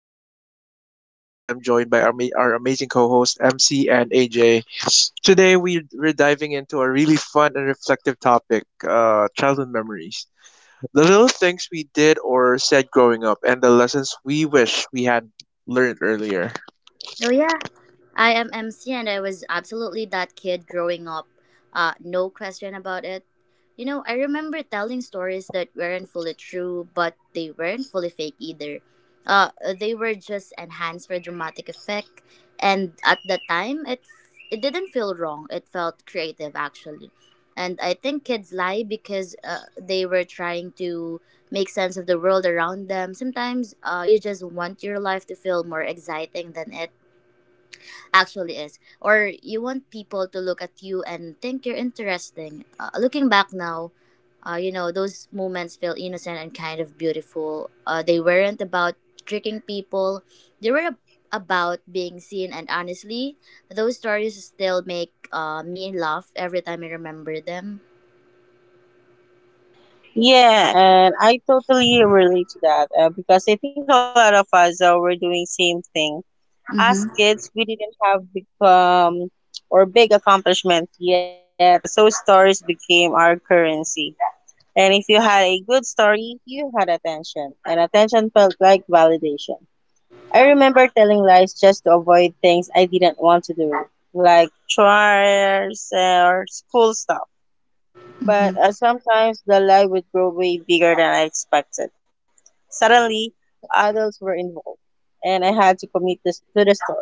your host, and as always, I'm joined by our amazing co host, MC and AJ. Today, we're diving into a really fun and reflective topic: childhood memories. The little things we did or said growing up, and the lessons we wish we had learned earlier. Oh yeah, I am MC, and I was absolutely that kid growing up. No question about it. You know, I remember telling stories that weren't fully true, but they weren't fully fake either. Uh, they were just enhanced for dramatic effect, and at the time, it didn't feel wrong. It felt creative actually, and I think kids lie because they were trying to make sense of the world around them. Sometimes, you just want your life to feel more exciting than it actually is. Or you want people to look at you and think you're interesting. Looking back now, you know, those moments feel innocent and kind of beautiful. They weren't about tricking people, they were about being seen. And honestly, those stories still make me laugh every time I remember them. Yeah, and I totally relate to that because I think a lot of us were doing same thing. As Mm-hmm. kids, we didn't have big. Or big accomplishments yet, so stories became our currency. And if you had a good story, you had attention, and attention felt like validation. I remember telling lies just to avoid things I didn't want to do, like chores or school stuff, but Mm-hmm. sometimes the lie would grow way bigger than I expected. Suddenly, adults were involved, and I had to commit this to the story.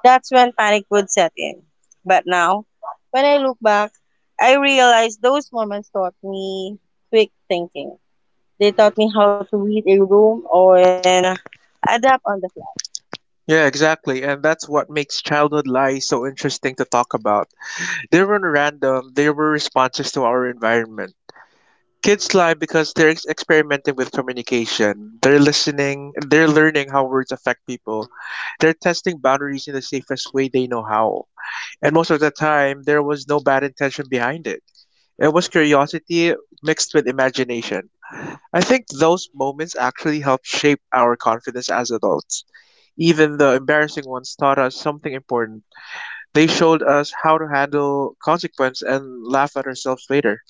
That's when panic would set in. But now, when I look back, I realize those moments taught me quick thinking. They taught me how to read a room or and adapt on the fly. Yeah, exactly. And that's what makes childhood lies so interesting to talk about. They were not random, they were responses to our environment. Kids lie because they're ex- experimenting with communication. They're listening, they're learning how words affect people. They're testing boundaries in the safest way they know how. And most of the time, there was no bad intention behind it. It was curiosity mixed with imagination. I think those moments actually helped shape our confidence as adults. Even the embarrassing ones taught us something important. They showed us how to handle consequence and laugh at ourselves later.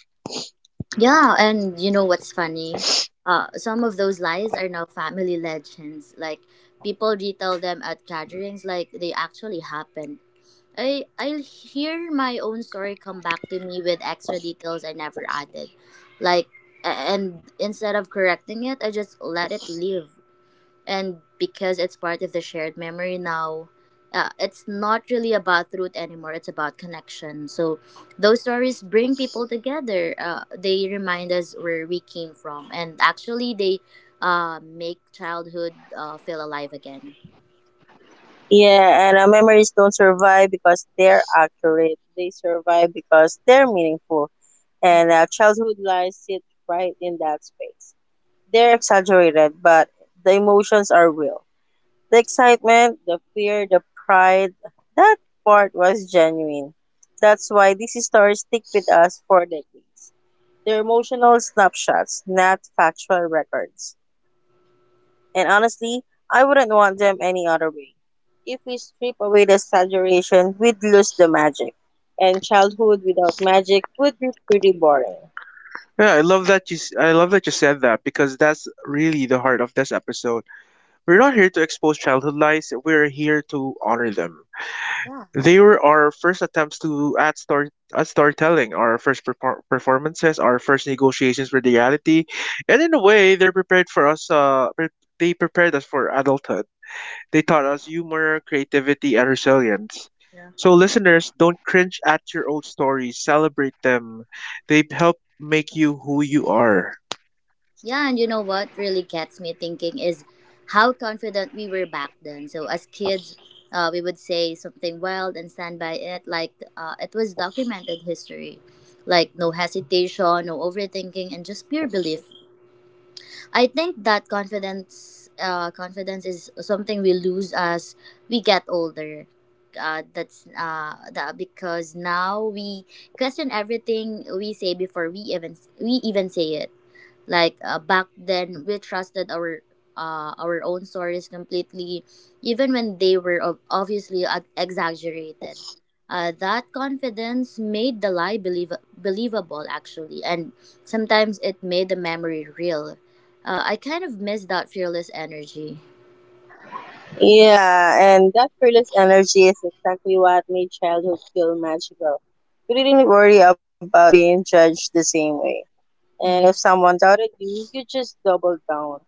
Yeah, and you know what's funny? Some of those lies are now family legends. Like people retell them at gatherings, like they actually happened. I hear my own story come back to me with extra details I never added, like and instead of correcting it, I just let it live, and because it's part of the shared memory now, it's not really about root anymore, it's about connection. So those stories bring people together, they remind us where we came from, and actually they make childhood feel alive again. Yeah, and memories don't survive because they're accurate. They survive because they're meaningful. And Mhm. Childhood lies sit right in that space. They're exaggerated, but the emotions are real. The excitement, the fear, the pride, that part was genuine. That's why these stories stick with us for decades. They're emotional snapshots, not factual records. And honestly, I wouldn't want them any other way. If we strip away the exaggeration, we'd lose the magic. And childhood without magic would be pretty boring. Yeah, I love that you said that because that's really the heart of this episode. We're not here to expose childhood lies, we're here to honor them. Yeah. They were our first attempts to at story at storytelling, our first performances, our first negotiations with reality, and in a way, they prepared us for adulthood. They taught us humor, creativity, and resilience. So, listeners, don't cringe at your old stories, celebrate them. They help make you who you are. Yeah, and you know what really gets me thinking is how confident we were back then. So as kids, we would say something wild and stand by it like it was documented history. Like no hesitation, no overthinking, and just pure belief. I think that confidence is something we lose as we get older. That's that because now we question everything we say before we even say it. Like back then we trusted our own stories completely, even when they were obviously exaggerated. That confidence made the lie believable actually, and sometimes it made the memory real. I kind of miss that fearless energy. Yeah, and that fearless energy is exactly what made childhood feel magical. You didn't worry about being judged the same way. And Mm-hmm. if someone doubted you, you just doubled down.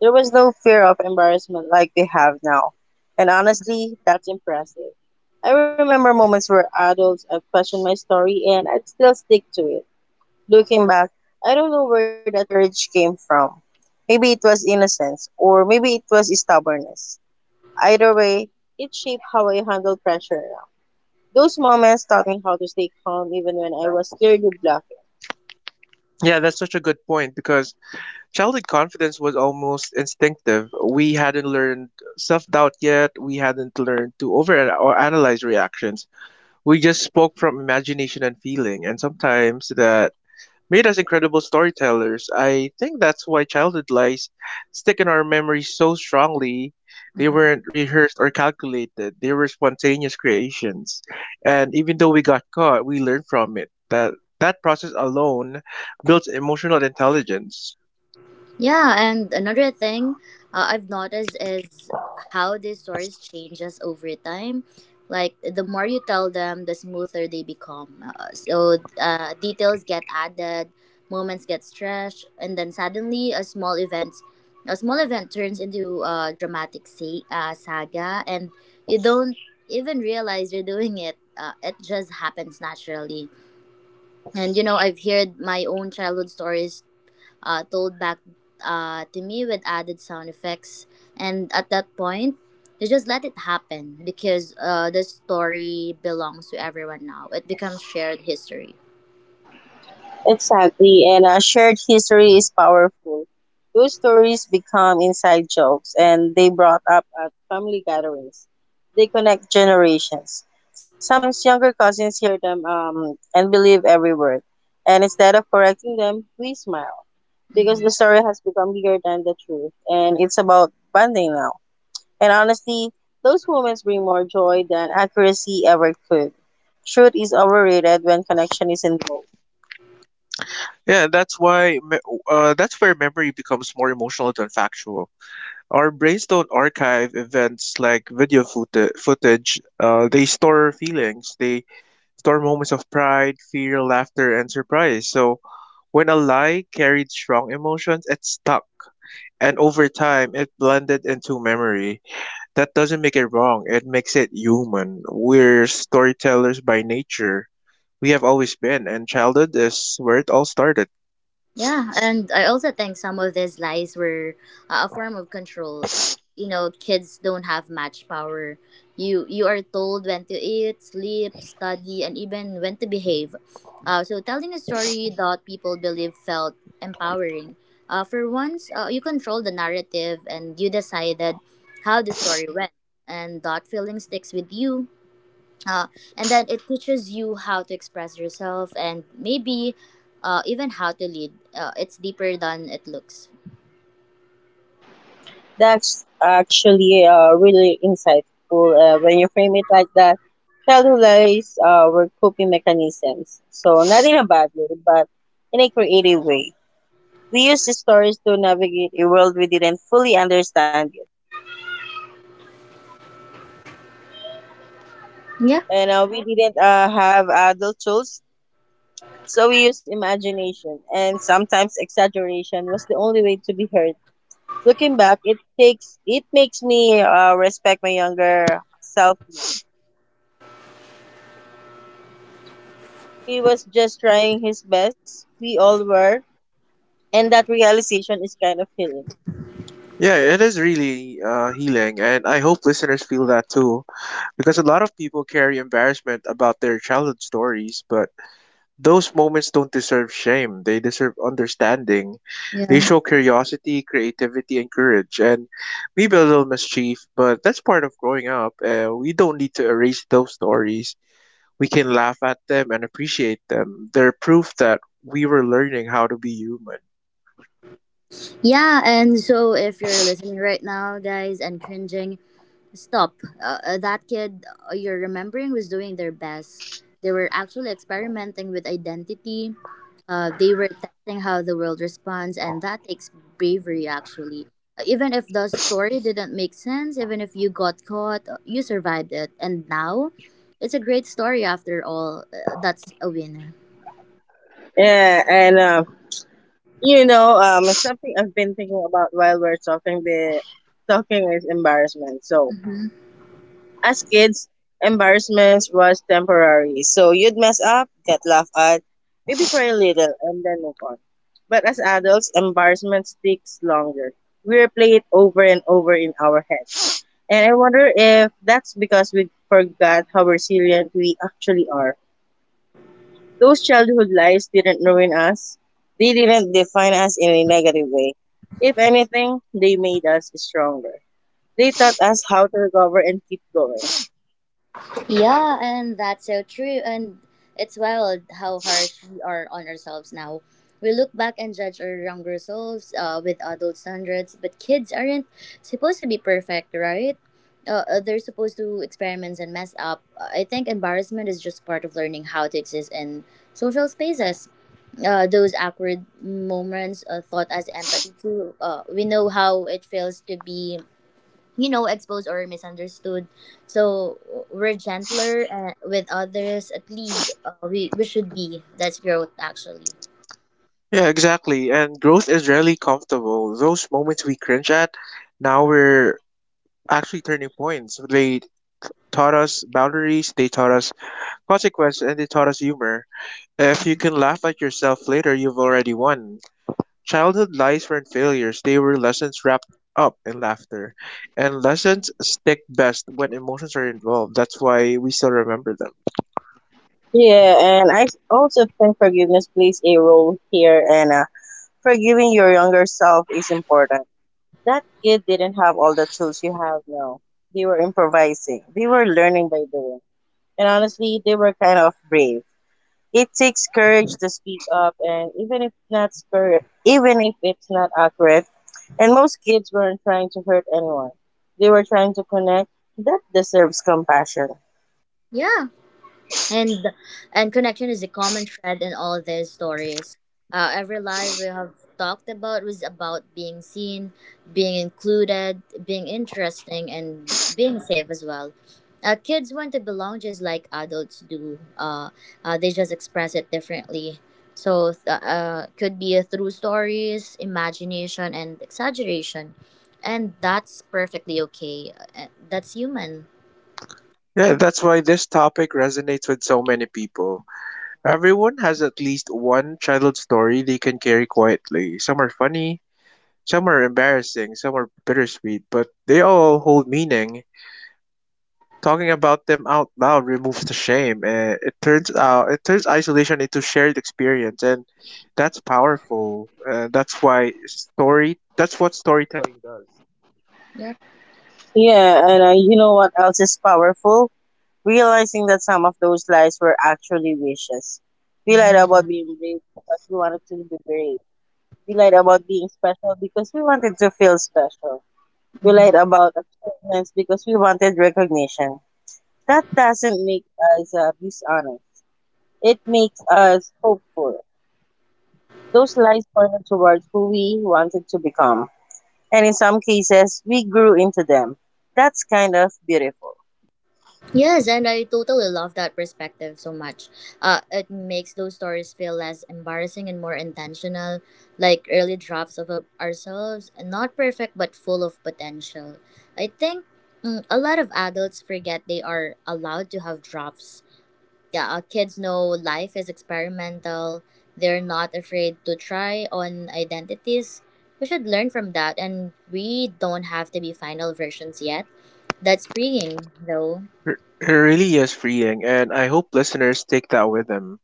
There was no fear of embarrassment like we have now. And honestly, that's impressive. I remember moments where adults have questioned my story and I'd still stick to it. Looking back, I don't know where that courage came from. Maybe it was innocence, or maybe it was stubbornness. Either way, it shaped how I handled pressure now. Those moments taught me how to stay calm even when I was clearly bluffing. Yeah, that's such a good point because childhood confidence was almost instinctive. We hadn't learned self doubt yet. We hadn't learned to over or analyze reactions. We just spoke from imagination and feeling. And sometimes the made us incredible storytellers. I think that's why childhood lies stick in our memories so strongly. They weren't rehearsed or calculated, they were spontaneous creations. And even though we got caught, we learned from it. That process alone builds emotional intelligence. Yeah, and another thing I've noticed is how these stories changes over time. Like the more you tell them, the smoother they become. So details get added, moments get stretched, and then suddenly a small event turns into a dramatic saga, and you don't even realize you're doing it. It just happens naturally. And you know, I've heard my own childhood stories told back to me with added sound effects. And at that point, you just let it happen because the story belongs to everyone now. It becomes shared history. Exactly, and shared history is powerful. Those stories become inside jokes and they brought up at family gatherings. They connect generations. Sometimes younger cousins hear them, and believe every word. And instead of correcting them, we smile because Mhm. the story has become bigger than the truth and it's about bonding now. And honestly, those moments bring more joy than accuracy ever could. Truth is overrated when connection is involved. Yeah, that's where memory becomes more emotional than factual. Our brains don't archive events like video footage. They store feelings. They store moments of pride, fear, laughter, and surprise. So when a lie carried strong emotions, it stuck. And over time, it blended into memory. That doesn't make it wrong, it makes it human. We're storytellers by nature. We have always been, and childhood is where it all started. Yeah, and I also think some of these lies were a form of control. You know, kids don't have much power. You are told when to eat, sleep, study, and even when to behave. So telling a story that people believe felt empowering. For once, you control the narrative and you decided how the story went, and that feeling sticks with you, uh, and then it teaches you how to express yourself and maybe even how to lead. It's deeper than it looks. That's actually really insightful when you frame it like that. Childhood lies were coping mechanisms. So, not in a bad way, but in a creative way. We used the stories to navigate a world we didn't fully understand yet. Yeah. And we didn't have adult tools. So we used imagination and sometimes exaggeration was the only way to be heard. Looking back, it takes it makes me respect my younger self more. He was just trying his best. We all were, and that realization is kind of healing. Yeah, it is really healing, and I hope listeners feel that too. Because a lot of people carry embarrassment about their childhood stories, but those moments don't deserve shame, they deserve understanding. They Yeah. show curiosity, creativity, and courage, and maybe a little mischief, but that's part of growing up. We don't need to erase those stories. We can laugh at them and appreciate them. They're proof that we were learning how to be human. Yeah and so if you're listening right now guys and cringing, stop. That kid you're remembering was doing their best. They were actually experimenting with identity. They were testing how the world responds, and that takes bravery, actually. Even if the story didn't make sense, even if you got caught, you survived it. And now, it's a great story after all. That's a win. Yeah, and you know, something I've been thinking about while we're talking. The talking is embarrassment. So as kids, embarrassment was temporary. So you'd mess up, get laughed at, maybe cry a little, and then move on. But as adults, embarrassment sticks longer. We replay it over and over in our heads. And I wonder if that's because we forgot how resilient we actually are. Those childhood lies didn't ruin us, they didn't define us in a negative way. If anything, they made us stronger. They taught us how to recover and keep going. Yeah, and that's so true. And it's wild how harsh we are on ourselves now. We look back and judge our younger selves with adult standards, but kids aren't supposed to be perfect, right? They're supposed to experiment and mess up. I think embarrassment is just part of learning how to exist in social spaces. Those awkward moments thought as empathy too. We know how it feels to be you know exposed or misunderstood, so we're gentler with others. At least we should be. That's growth actually. Yeah, exactly. And growth is rarely comfortable. Those moments we cringe at, now we're actually turning points. They taught us boundaries, they taught us consequence, and they taught us humor. If you can laugh at yourself later, you've already won. Childhood lies weren't failures, they were lessons wrapped up in laughter. And lessons stick best when emotions are involved. That's why we still remember them. Yeah, and I also think forgiveness plays a role here, and forgiving your younger self is important. That kid didn't have all the tools you have now. They were improvising, they were learning by doing, and honestly, they were kind of brave. It takes courage to speak up, and even if not scur- even if it's not accurate, and most kids weren't trying to hurt anyone, they were trying to connect. That deserves compassion. Yeah, and and connection is a common thread in all their stories. Every lie we have talked about was about being seen, being included, being interesting, and being safe as well. Kids want to belong just like adults do. They just express it differently, so could be through stories, imagination, and exaggeration. And that's perfectly okay. That's human. Yeah, that's why this topic resonates with so many people. Everyone has at least one childhood story they can carry quietly. Some are funny, some are embarrassing, some are bittersweet, but they all hold meaning. Talking about them out loud removes the shame. It turns isolation into shared experience, and that's powerful. That's why story. That's what storytelling does. Yeah, and you know what else is powerful? Realizing that some of those lies were actually wishes. We lied Mm-hmm. about being brave because we wanted to be brave. We lied about being special because we wanted to feel special. We lied Mm-hmm. about achievements because we wanted recognition. That doesn't make us dishonest. It makes us hopeful. Those lies pointed towards who we wanted to become. And in some cases, we grew into them. That's kind of beautiful. Yes, and I totally love that perspective so much. It makes those stories feel less embarrassing and more intentional, like early drafts of ourselves, not perfect but full of potential. I think a lot of adults forget they are allowed to have drafts. Yeah, kids know life is experimental. They're not afraid to try on identities. We should learn from that, and we don't have to be final versions yet. That's freeing, though. It it really is freeing, and I hope listeners take that with them.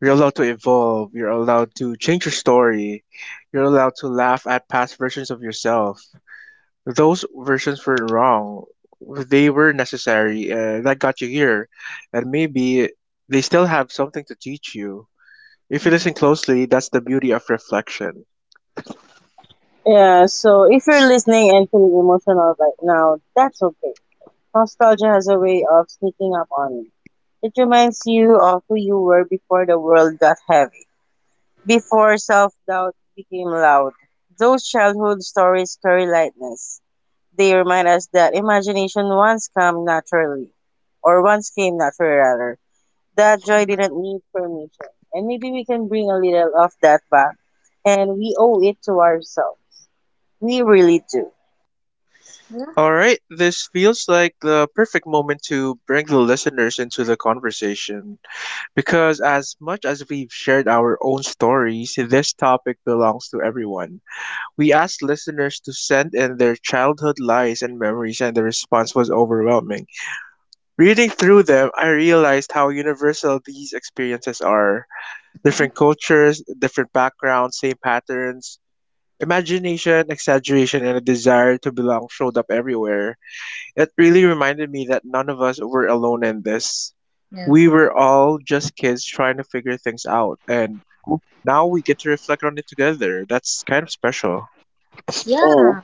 You're allowed to evolve. You're allowed to change your story. You're allowed to laugh at past versions of yourself. Those versions were wrong. They were necessary. That got you here. And maybe they still have something to teach you. If you Mhm. listen closely, that's the beauty of reflection. Yeah, so if you're listening and feeling emotional right now, that's okay. Nostalgia has a way of sneaking up on you. It reminds you of who you were before the world got heavy, before self doubt became loud. Those childhood stories carry lightness. They remind us that imagination once came naturally, or once came naturally rather. That joy didn't need permission. And maybe we can bring a little of that back, and we owe it to ourselves. We really do. All right, this feels like the perfect moment to bring the listeners into the conversation because, as much as we've shared our own stories, this topic belongs to everyone. We asked listeners to send in their childhood lies and memories, and the response was overwhelming. Reading through them, I realized how universal these experiences are. Different cultures, different backgrounds, same patterns. Imagination, exaggeration, and a desire to belong showed up everywhere. It really reminded me that none of us were alone in this. Yeah. We were all just kids trying to figure things out, and now we get to reflect on it together. That's kind of special. Mm. Yeah.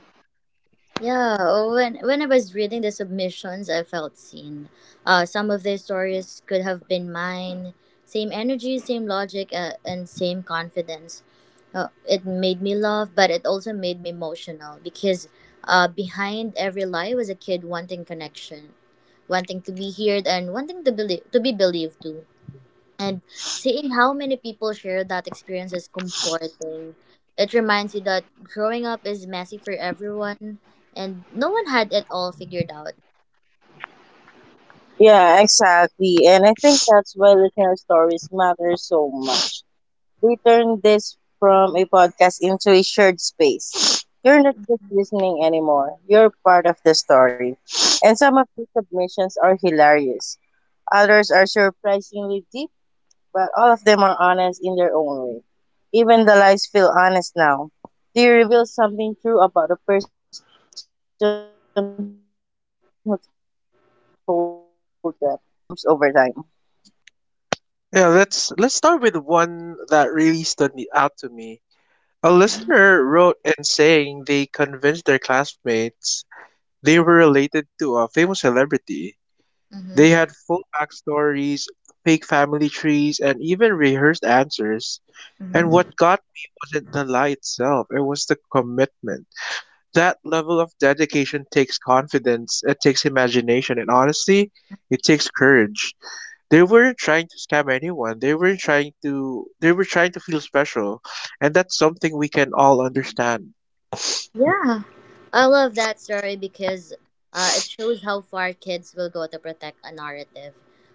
Yeah. Oh, when I was reading the submissions, I felt seen. Some of their stories could have been mine. Same energy, same logic, and same confidence. It made me laugh, but it also made me emotional because behind every lie was a kid wanting connection, wanting to be heard, and wanting to be believed too. And seeing how many people share that experience is comforting. It reminds you that growing up is messy for everyone, and no one had it all figured out. Yeah, exactly. And I think that's why listener stories matter so much. We turn this from a podcast into a shared space. You're not just listening anymore, you're part of the story. And some of these submissions are hilarious, others are surprisingly deep, but all of them are honest in their own way. Even the lies feel honest now. They reveal something true about the person who told them. That's the magic of reflection. Truth evolves over time. Yeah, let's start with one that really stood me out to me. A Mm-hmm. listener wrote in saying they convinced their classmates they were related to a famous celebrity. They had full backstories, fake family trees, and even rehearsed answers. And Mm-hmm. what got me wasn't the lie itself, it was the commitment. That level of dedication takes confidence, it takes imagination, and honestly, it takes courage. They weren't trying to scam anyone. They were not trying to They were trying to feel special. And that's something we can all understand. Yeah. I love that story because it shows how far kids will go to protect a narrative.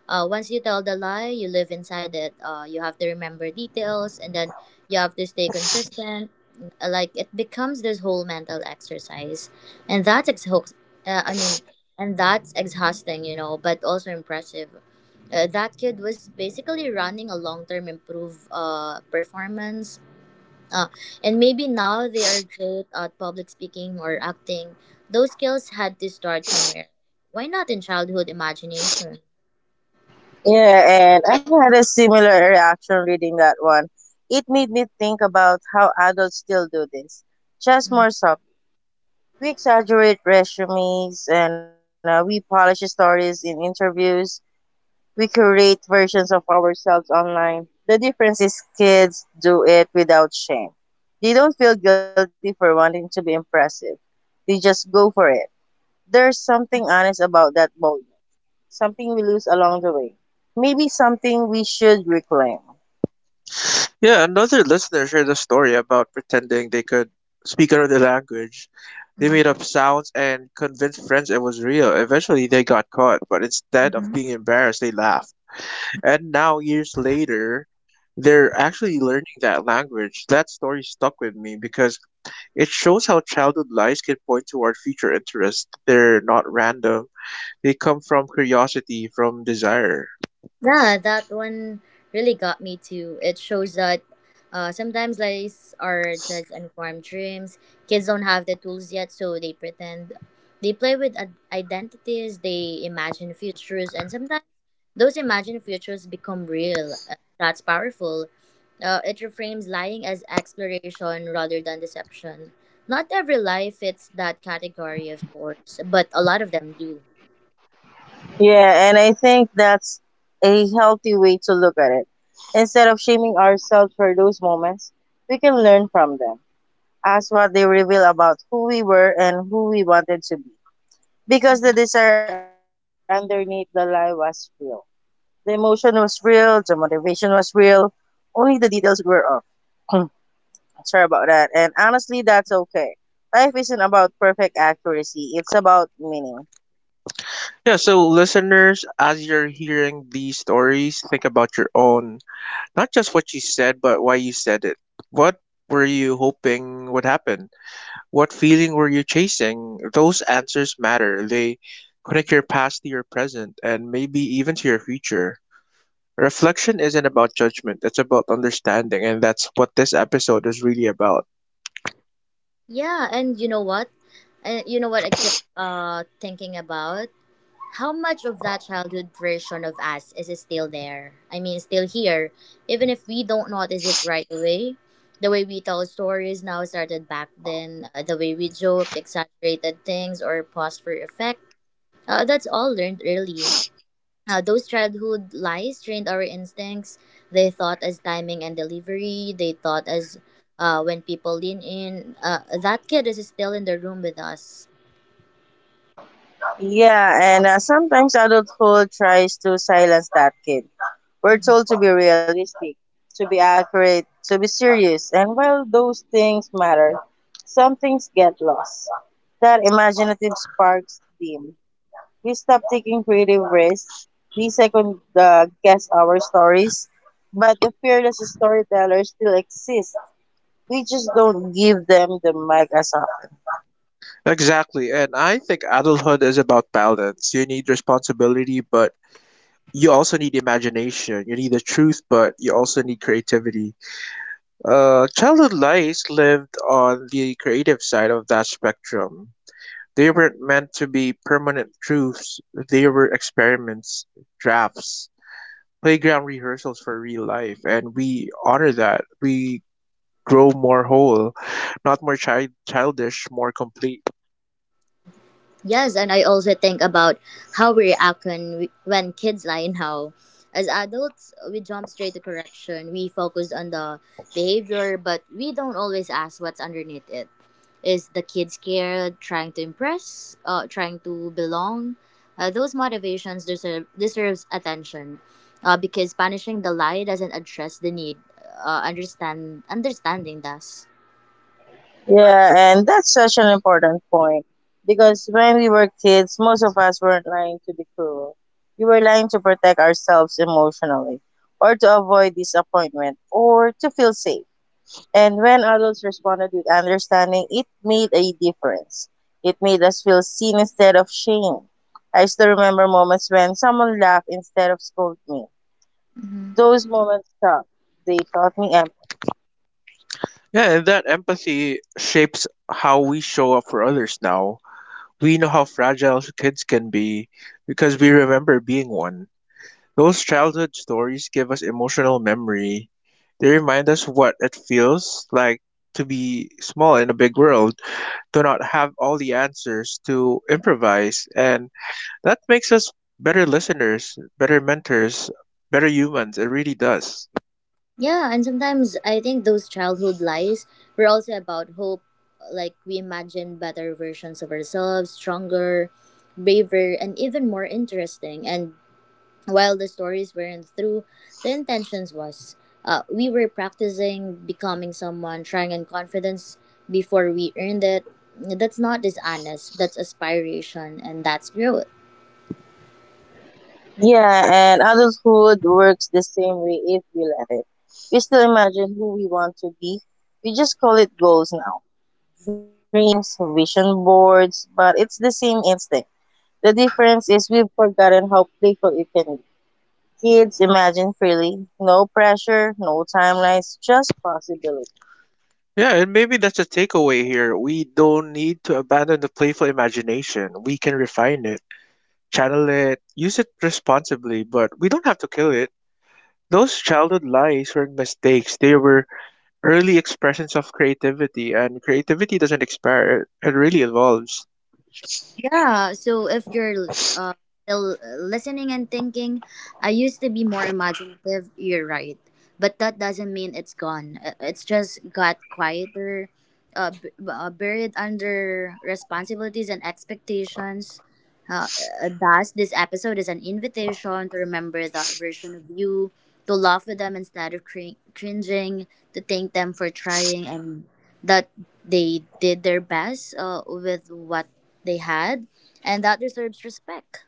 Once you tell the lie, you live inside it. You have to remember details and then you have to stay consistent. Like it becomes this whole mental exercise. And that's exhausting. Uh, I mean, you know, but also impressive. That kid was basically running a long term improve performance, uh, and maybe now they are great at public speaking or acting. Those skills had to start somewhere. Why not in childhood imagination? Yeah, and I had a similar reaction reading that one. It made me think about how adults still do this, just more subtly. We exaggerate resumes and we polish stories in interviews. We create versions of ourselves online. The difference is kids do it without shame. They don't feel guilty for wanting to be impressive. They just go for it. There's something honest about that boldness, something we lose along the way. Maybe something we should reclaim. Yeah, another listener shared a story about pretending they could speak another language. They made up sounds and convinced friends it was real. Eventually, they got caught, but instead of Mhm. being embarrassed, they laughed. And now, years later, they're actually learning that language. That story stuck with me because it shows how childhood lies can point toward future interests. They're not random, they come from curiosity, from desire. Yeah, that one really got me too. It shows that sometimes lies are just unformed dreams. Kids don't have the tools yet, so they pretend. They play with identities, they imagine futures, and sometimes those imagined futures become real. That's powerful. It reframes lying as exploration rather than deception. Not every lie fits that category, of course, but a lot of them do. Yeah, and I think that's a healthy way to look at it. Instead of shaming ourselves for those moments, we can learn from them, as what they reveal about who we were and who we wanted to be. Because the desire underneath the lie was real. The emotion was real, the motivation was real, only the details were off. Sorry about that. And honestly, that's okay. Life isn't about perfect accuracy, it's about meaning. Yeah, so listeners, as you're hearing these stories, think about your own. Not just what you said, but why you said it. What were you hoping would happen? What feeling were you chasing? Those answers matter. They connect your past to your present and maybe even to your future. Reflection isn't about judgment, it's about understanding, and that's what this episode is really about. Yeah, and you know what? I keep thinking about? How much of that childhood version of us is still there? I mean, still here, even if we don't notice it right away. The way we tell stories now started back then. The way we joked, exaggerated things, or paused for effect. That's all learned early. Those childhood lies trained our instincts. They thought as timing and delivery. They thought as when people lean in. That kid is still in the room with us. Yeah, and sometimes adulthood tries to silence that kid. We're Mhm. told to be realistic, to be accurate, to be serious, and while those things matter, some things get lost. That imaginative sparks dim. We stop taking creative risks, we second guess our stories, but the fearless storyteller still exists, we just don't give them the mic as often. Exactly, and I think adulthood is about balance. You need responsibility, but you also need imagination. You need the truth, but you also need creativity. Childhood lies lived on the creative side of that spectrum. They weren't meant to be permanent truths, they were experiments, drafts, playground rehearsals for real life, and we honor that. We grow more whole, not more childish, more complete. Yes, and I also think about how we react when kids lie and how. As adults, we jump straight to correction. We focus on the behavior, but we don't always ask what's underneath it. Is the kid scared, trying to impress, trying to belong? Those motivations deserves attention, because punishing the lie doesn't address the need. Understanding does. Yeah, and that's such an important point because when we were kids, most of us weren't lying to be cruel. We were lying to protect ourselves emotionally, or to avoid disappointment, or to feel safe. And when adults responded with understanding, it made a difference. It made us feel seen instead of shame. I still remember moments when someone laughed instead of scolded me. Hmm. Those moments taught. They taught me empathy. Yeah, and that empathy shapes how we show up for others now. We know how fragile kids can be because we remember being one. Those childhood stories give us emotional memory. They remind us what it feels like to be small in a big world, to not have all the answers, to improvise, and that makes us better listeners, better mentors, better humans. It really does. Yeah, and sometimes I think those childhood lies were also about hope. Like we imagine better versions of ourselves, stronger, braver, and even more interesting. And while the stories weren't through, the intentions was. We were practicing becoming someone, trying on confidence before we earned it. That's not dishonest. That's aspiration, and that's growth. Yeah, and adulthood works the same way if we let it. We still imagine who we want to be. We just call it goals now. Dreams, vision boards, but it's the same instinct. The difference is we've forgotten how playful it can be. Kids imagine freely, no pressure, no timelines, just possibility. Yeah, and maybe that's a takeaway here. We don't need to abandon the playful imagination. We can refine it, channel it, use it responsibly, but we don't have to kill it. Those childhood lies weren't mistakes. They were early expressions of creativity, and creativity doesn't expire, it really evolves. Yeah. So if you're still listening and thinking, I used to be more imaginative. You're right, but that doesn't mean it's gone. It's just got quieter, buried under responsibilities and expectations. Uh, Thus, this episode is an invitation to remember that version of you, to laugh with them instead of cringing, to thank them for trying, and that they did their best with what they had, and that deserves respect.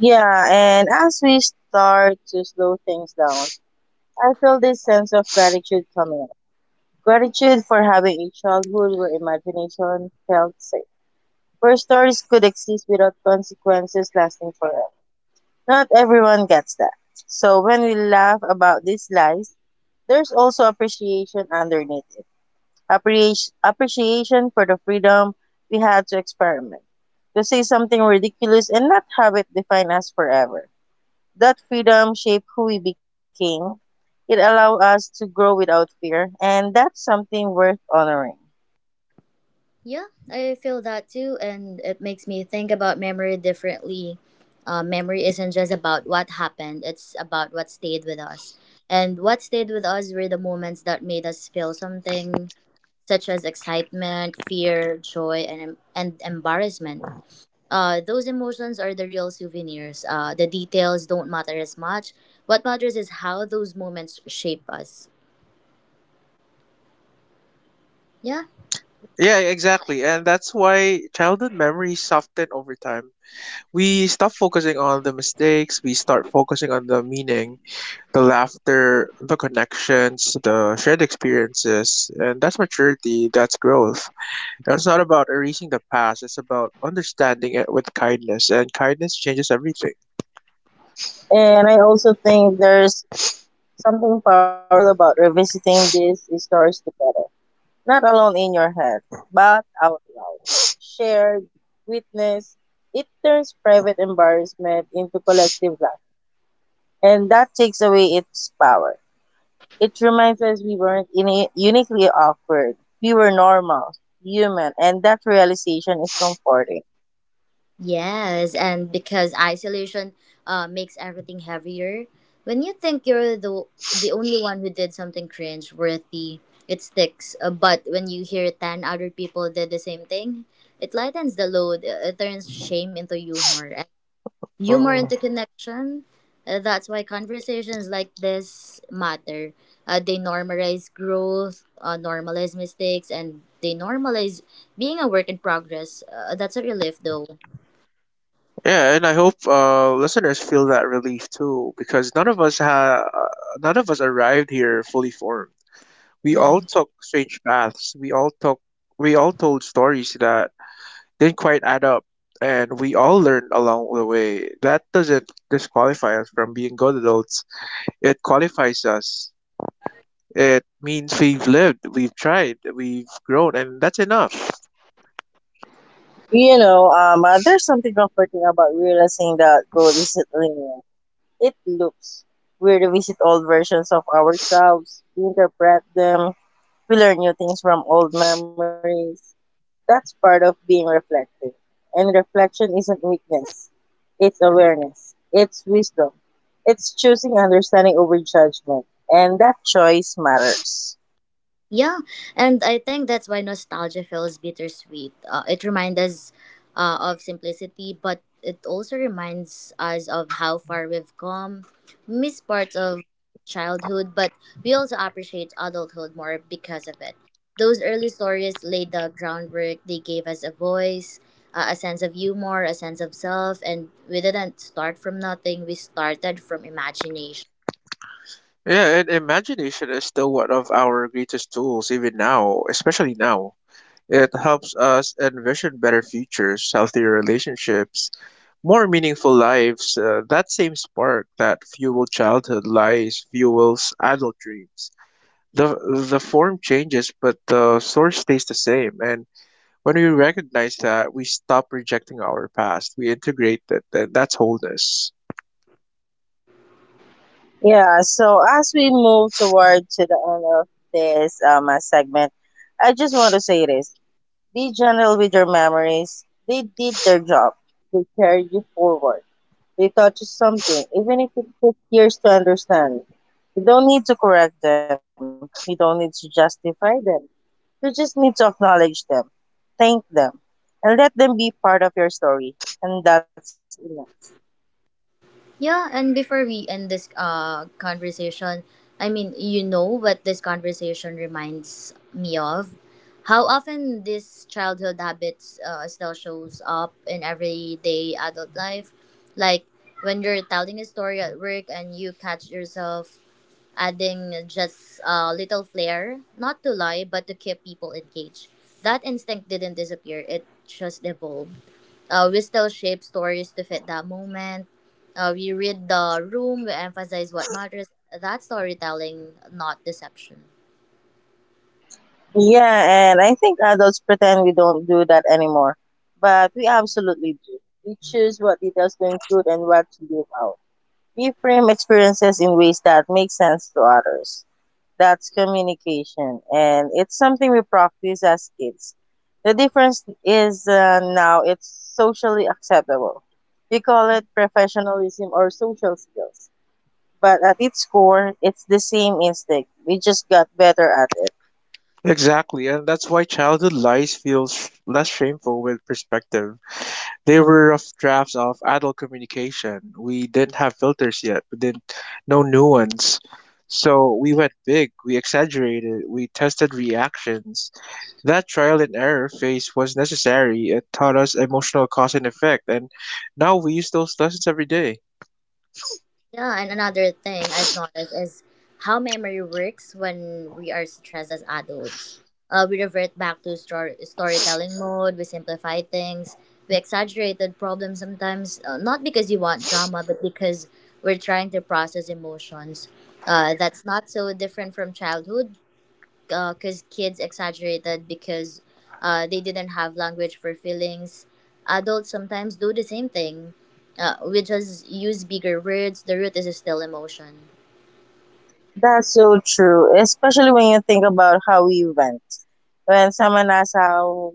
Yeah, and as we start to slow things down, I feel this sense of gratitude coming up. Gratitude for having a childhood where imagination felt safe, where stories could exist without consequences lasting forever. Not everyone gets that. So when we laugh about these lies, there's also appreciation underneath it. Appreciation for the freedom we had to experiment, to say something ridiculous and not have it define us forever. That freedom shaped who we became. It allowed us to grow without fear, and that's something worth honoring. Yeah, I feel that too, and it makes me think about memory differently. Memory isn't just about what happened, it's about what stayed with us. And what stayed with us were the moments that made us feel something, such as excitement, fear, joy, and, and embarrassment. Those emotions are the real souvenirs. The details don't matter as much. What matters is how those moments shape us. Yeah. Yeah, exactly, and that's why childhood memories soften over time. We stop focusing on the mistakes, we start focusing on the meaning, the laughter, the connections, the shared experiences, and that's maturity, that's growth. And it's not about erasing the past, it's about understanding it with kindness, and kindness changes everything. And I also think there's something powerful about revisiting these stories together, not alone in your head, but out loud. Shared, witnessed, it turns private embarrassment into collective laughter, and that takes away its power. It reminds us we weren't uniquely awkward, we were normal, human, and that realization is comforting. Yes, and because isolation makes everything heavier. When you think you're the only one who did something cringe worthy, it sticks. But when you hear ten other people did the same thing, it lightens the load. It turns shame into humor, humor into connection. That's why conversations like this matter. They normalize growth, normalize mistakes, and they normalize being a work in progress. That's a relief, though. Yeah, and I hope listeners feel that relief too, because none of us arrived here fully formed. We all took strange paths. We all told stories that didn't quite add up, and we all learned along the way. That doesn't disqualify us from being good adults. It qualifies us. It means we've lived, we've tried, we've grown, and that's enough. You know, there's something comforting about realizing that growth isn't linear. It loops. We revisit old versions of ourselves, we interpret them, we learn new things from old memories. That's part of being reflective. And reflection isn't weakness, it's awareness, it's wisdom, it's choosing understanding over judgment. And that choice matters. Yeah, and I think that's why nostalgia feels bittersweet. It reminds us of simplicity, but it also reminds us of how far we've come, miss parts of childhood, but we also appreciate adulthood more because of it. Those early stories laid the groundwork, they gave us a voice, a sense of humor, a sense of self, and we didn't start from nothing, we started from imagination. Yeah, and imagination is still one of our greatest tools, even now, especially now. It helps us envision better futures, healthier relationships, more meaningful lives. That same spark that fueled childhood lies fuels adult dreams. The, the form changes, but the source stays the same. And when we recognize that, we stop rejecting our past. We integrate it, and that's wholeness. Yeah, so as we move toward to the end of this segment, I just want to say this. Be gentle with your memories. They did their job. They carried you forward. They taught you something, even if it took years to understand. You don't need to correct them. You don't need to justify them. You just need to acknowledge them, thank them, and let them be part of your story. And that's enough. Yeah, and before we end this conversation, I mean, you know what this conversation reminds me of? How often these childhood habits still shows up in everyday adult life? Like when you're telling a story at work and you catch yourself adding just a little flair, not to lie, but to keep people engaged. That instinct didn't disappear; it just evolved we still shape stories to fit that moment. We read the room, we emphasize what matters. That's storytelling, not deception. Yeah, and I think adults pretend we don't do that anymore. But we absolutely do. We choose what details to include and what to leave out. We frame experiences in ways that make sense to others. That's communication, and it's something we practice as kids. The difference is now it's socially acceptable. We call it professionalism or social skills. But at its core, it's the same instinct. We just got better at it. Exactly, and that's why childhood lies feels less shameful with perspective. They were rough drafts of adult communication. We didn't have filters yet. We didn't know nuance. So we went big, we exaggerated, we tested reactions. That trial and error phase was necessary. It taught us emotional cause and effect, and now we use those lessons every day. Yeah, and another thing I've noticed is how memory works when we are stressed as adults. We revert back to storytelling mode, we simplify things, we exaggerated problems sometimes, not because you want drama, but because we're trying to process emotions. That's not so different from childhood because kids exaggerated because they didn't have language for feelings. Adults sometimes do the same thing. We just use bigger words. The root is still emotion. That's so true, especially when you think about how we went. When someone asks how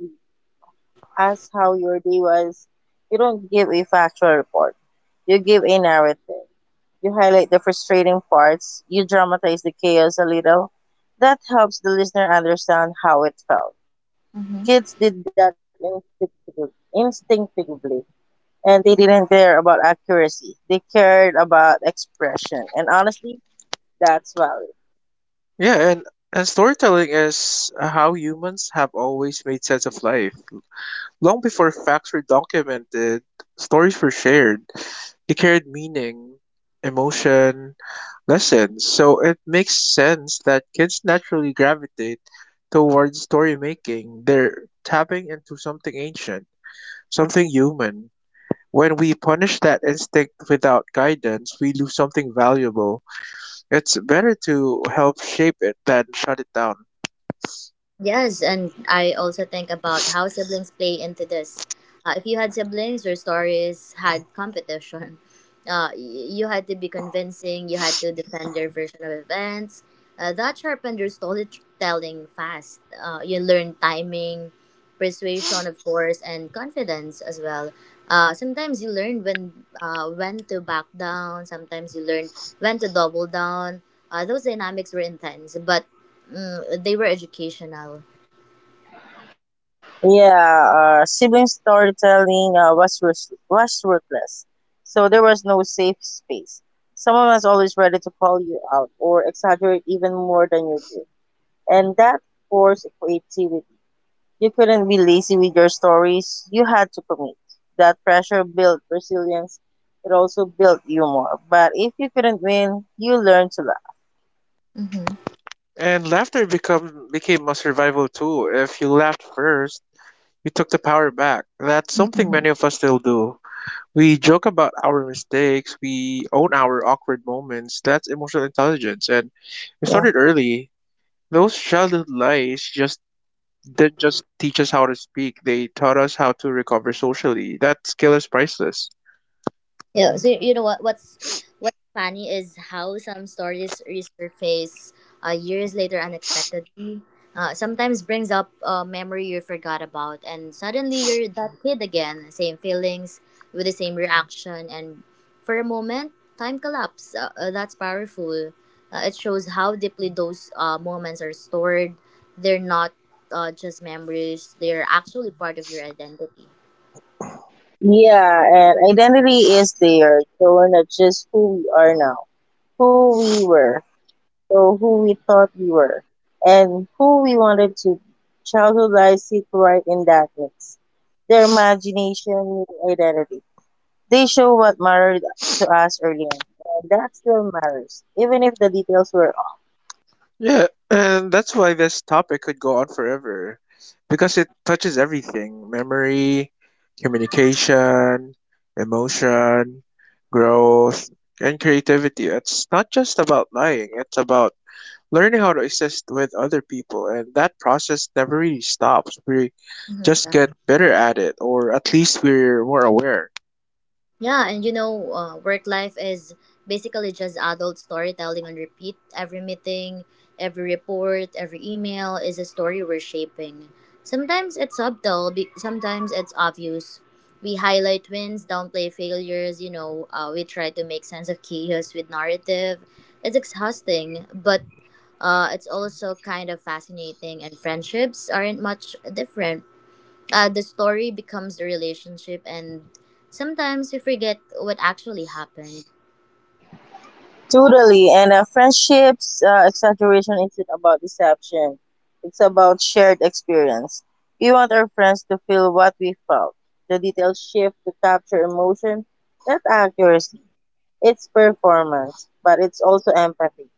asked how your day was, you don't give a factual report. You give a narrative. You highlight the frustrating parts. You dramatize the chaos a little. That helps the listener understand how it felt. Kids did that instinctively, instinctively, and they didn't care about accuracy. They cared about expression. And honestly, that's valid. Yeah, and storytelling is how humans have always made sense of life. Long before facts were documented, stories were shared. They carried meaning, emotion, lessons. So it makes sense that kids naturally gravitate towards story making. They're tapping into something ancient, something human. When we punish that instinct without guidance, we lose something valuable. It's better to help shape it than shut it down. Yes, and I also think about how siblings play into this. If you had siblings, your stories had competition. You had to be convincing, you had to defend your version of events. That sharpened your storytelling fast. You learned timing, persuasion, of course, and confidence as well. Sometimes you learn when to back down. Sometimes you learn when to double down. Those dynamics were intense, but they were educational. Yeah, sibling storytelling was ruthless, so there was no safe space. Someone was always ready to call you out or exaggerate even more than you did, and that forced creativity. You couldn't be lazy with your stories; you had to commit. That pressure built resilience. It also built humor. But if you couldn't win, you learned to laugh. Hmm. And laughter become became a survival tool. If you laughed first, we took the power back. That's something many of us still do. We joke about our mistakes, we own our awkward moments. That's emotional intelligence. And we Yeah. started early. Those childhood lies just didn't just teach us how to speak, they taught us how to recover socially. That skill is priceless. Yeah. So you know what? What's funny is how some stories resurface years later unexpectedly. Sometimes brings up a memory you forgot about, and suddenly you're that kid again. Same feelings with the same reaction, and for a moment, time collapse. That's powerful. It shows how deeply those moments are stored. They're not just memories; they're actually part of your identity. Yeah, and identity is there. So we're not just who we are now, who we were. So who we thought we were and who we wanted to childhood lies sit right in that mix. Their imagination meeting identity. They show what mattered to us early on, and that still matters, even if the details were off. Yeah, and that's why this topic could go on forever because it touches everything: memory, communication, emotion, growth, and creativity. It's not just about lying, it's about learning how to exist with other people, and that process never really stops. We Mhm. just Yeah. get better at it, or at least we're more aware. Yeah, and you know, work life is basically just adult storytelling on repeat. Every meeting, every report, every email is a story we're shaping. Sometimes it's subtle, sometimes it's obvious. We highlight wins, downplay failures, you know, we try to make sense of chaos with narrative. It's exhausting, but it's also kind of fascinating, and friendships aren't much different the story becomes a relationship and sometimes we forget what actually happened. Totally. And friendships, exaggeration isn't about deception, it's about shared experience. We want our friends to feel what we felt. The details shift to capture emotion, not accuracy. It's performance, but it's also empathy.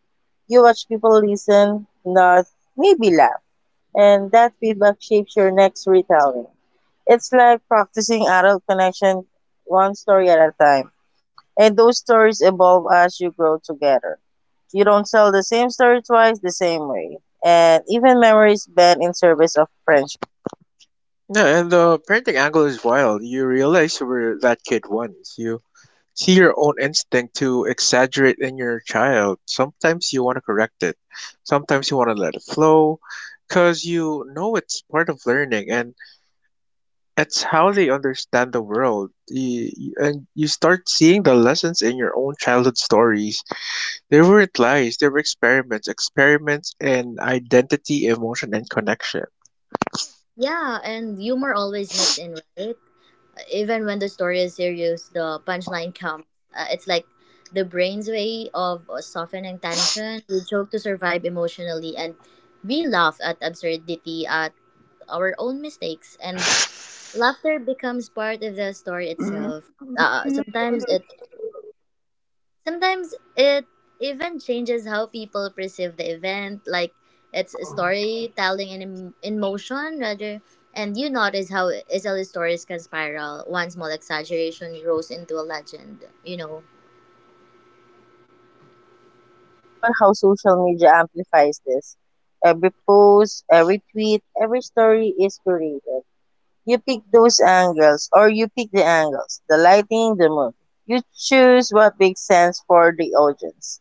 You watch people listen, nod, maybe laugh, and that feedback shapes your next retelling. It's like practicing adult connection one story at a time. And those stories evolve as you grow together. You don't tell the same story twice the same way. And even memories bend in service of friendship. Yeah, and the parenting angle is wild. You realize you were that kid once. You see your own instinct to exaggerate in your child. Sometimes you want to correct it. Sometimes you want to let it flow, cause you know it's part of learning. And it's how they understand the world. And you start seeing the lessons in your own childhood stories. They weren't lies, they were experiments, experiments in identity, emotion, and connection. Yeah, and humor always nicks in right even when the story is serious the punchline comes. It's like the brain's way of softening tension. We joke to survive emotionally and we laugh at absurdity at our own mistakes and laughter becomes part of the story itself. Uh, sometimes it Sometimes it even changes how people perceive the event, like it's storytelling in, in motion rather. And you notice how SL stories can spiral. One small exaggeration grows into a legend, you know. Yes, exactly. And think about how social media amplifies this. Every post, every tweet, every story is curated. You pick those angles, or you pick the angles, the lighting, the mood. You choose what makes sense for the audience.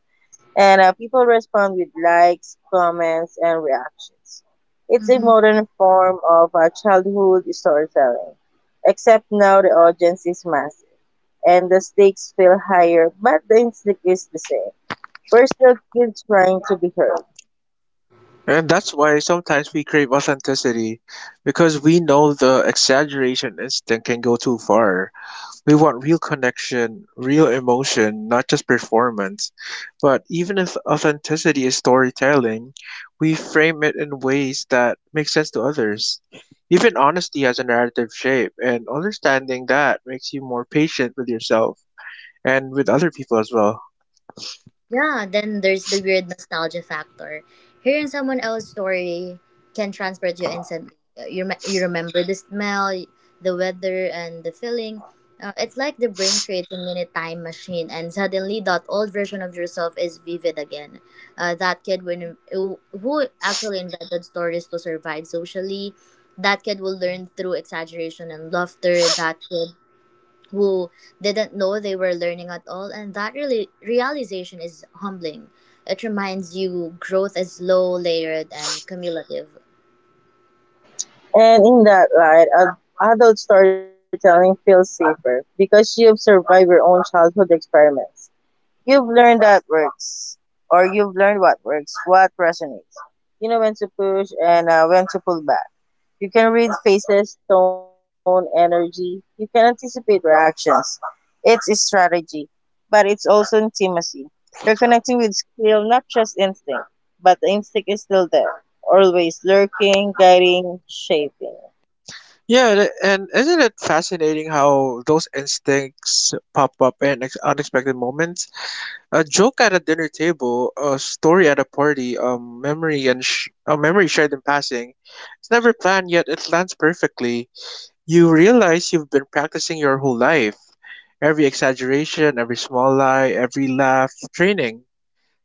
And people respond with likes, comments, and reactions. It's a Mm-hmm. modern form of childhood storytelling, except now the audience is massive and the stakes feel higher, but the instinct is the same. We're still kids trying to be heard. And that's why sometimes we crave authenticity because we know the exaggeration instinct can go too far. We want real connection, real emotion, not just performance. But even if authenticity is storytelling, we frame it in ways that make sense to others. Even honesty has a narrative shape, and understanding that makes you more patient with yourself and with other people as well. Yeah, then there's the weird nostalgia factor. Hearing someone else's story can transport you instantly. You remember the smell, the weather, and the feeling. It's like the brain creates a mini time machine, and suddenly that old version of yourself is vivid again. That kid when, who actually invented stories to survive socially, that kid will learn through exaggeration and laughter. That kid who didn't know they were learning at all. And that really realization is humbling. It reminds you growth is low layered and cumulative. And in that light, adult storytelling feels safer because you've survived your own childhood experiments. You've learned that works, or you've learned what works, what resonates. You know when to push and when to pull back. You can read faces, tone, energy. You can anticipate reactions. It's a strategy, but it's also intimacy. You're connecting with skill, not just instinct, but the instinct is still there, always lurking, guiding, shaping. Yeah, and isn't it fascinating how those instincts pop up in unexpected moments? A joke at a dinner table, a story at a party, a memory shared in passing. It's never planned yet it lands perfectly. You realize you've been practicing your whole life. Every exaggeration, every small lie, every laugh, training.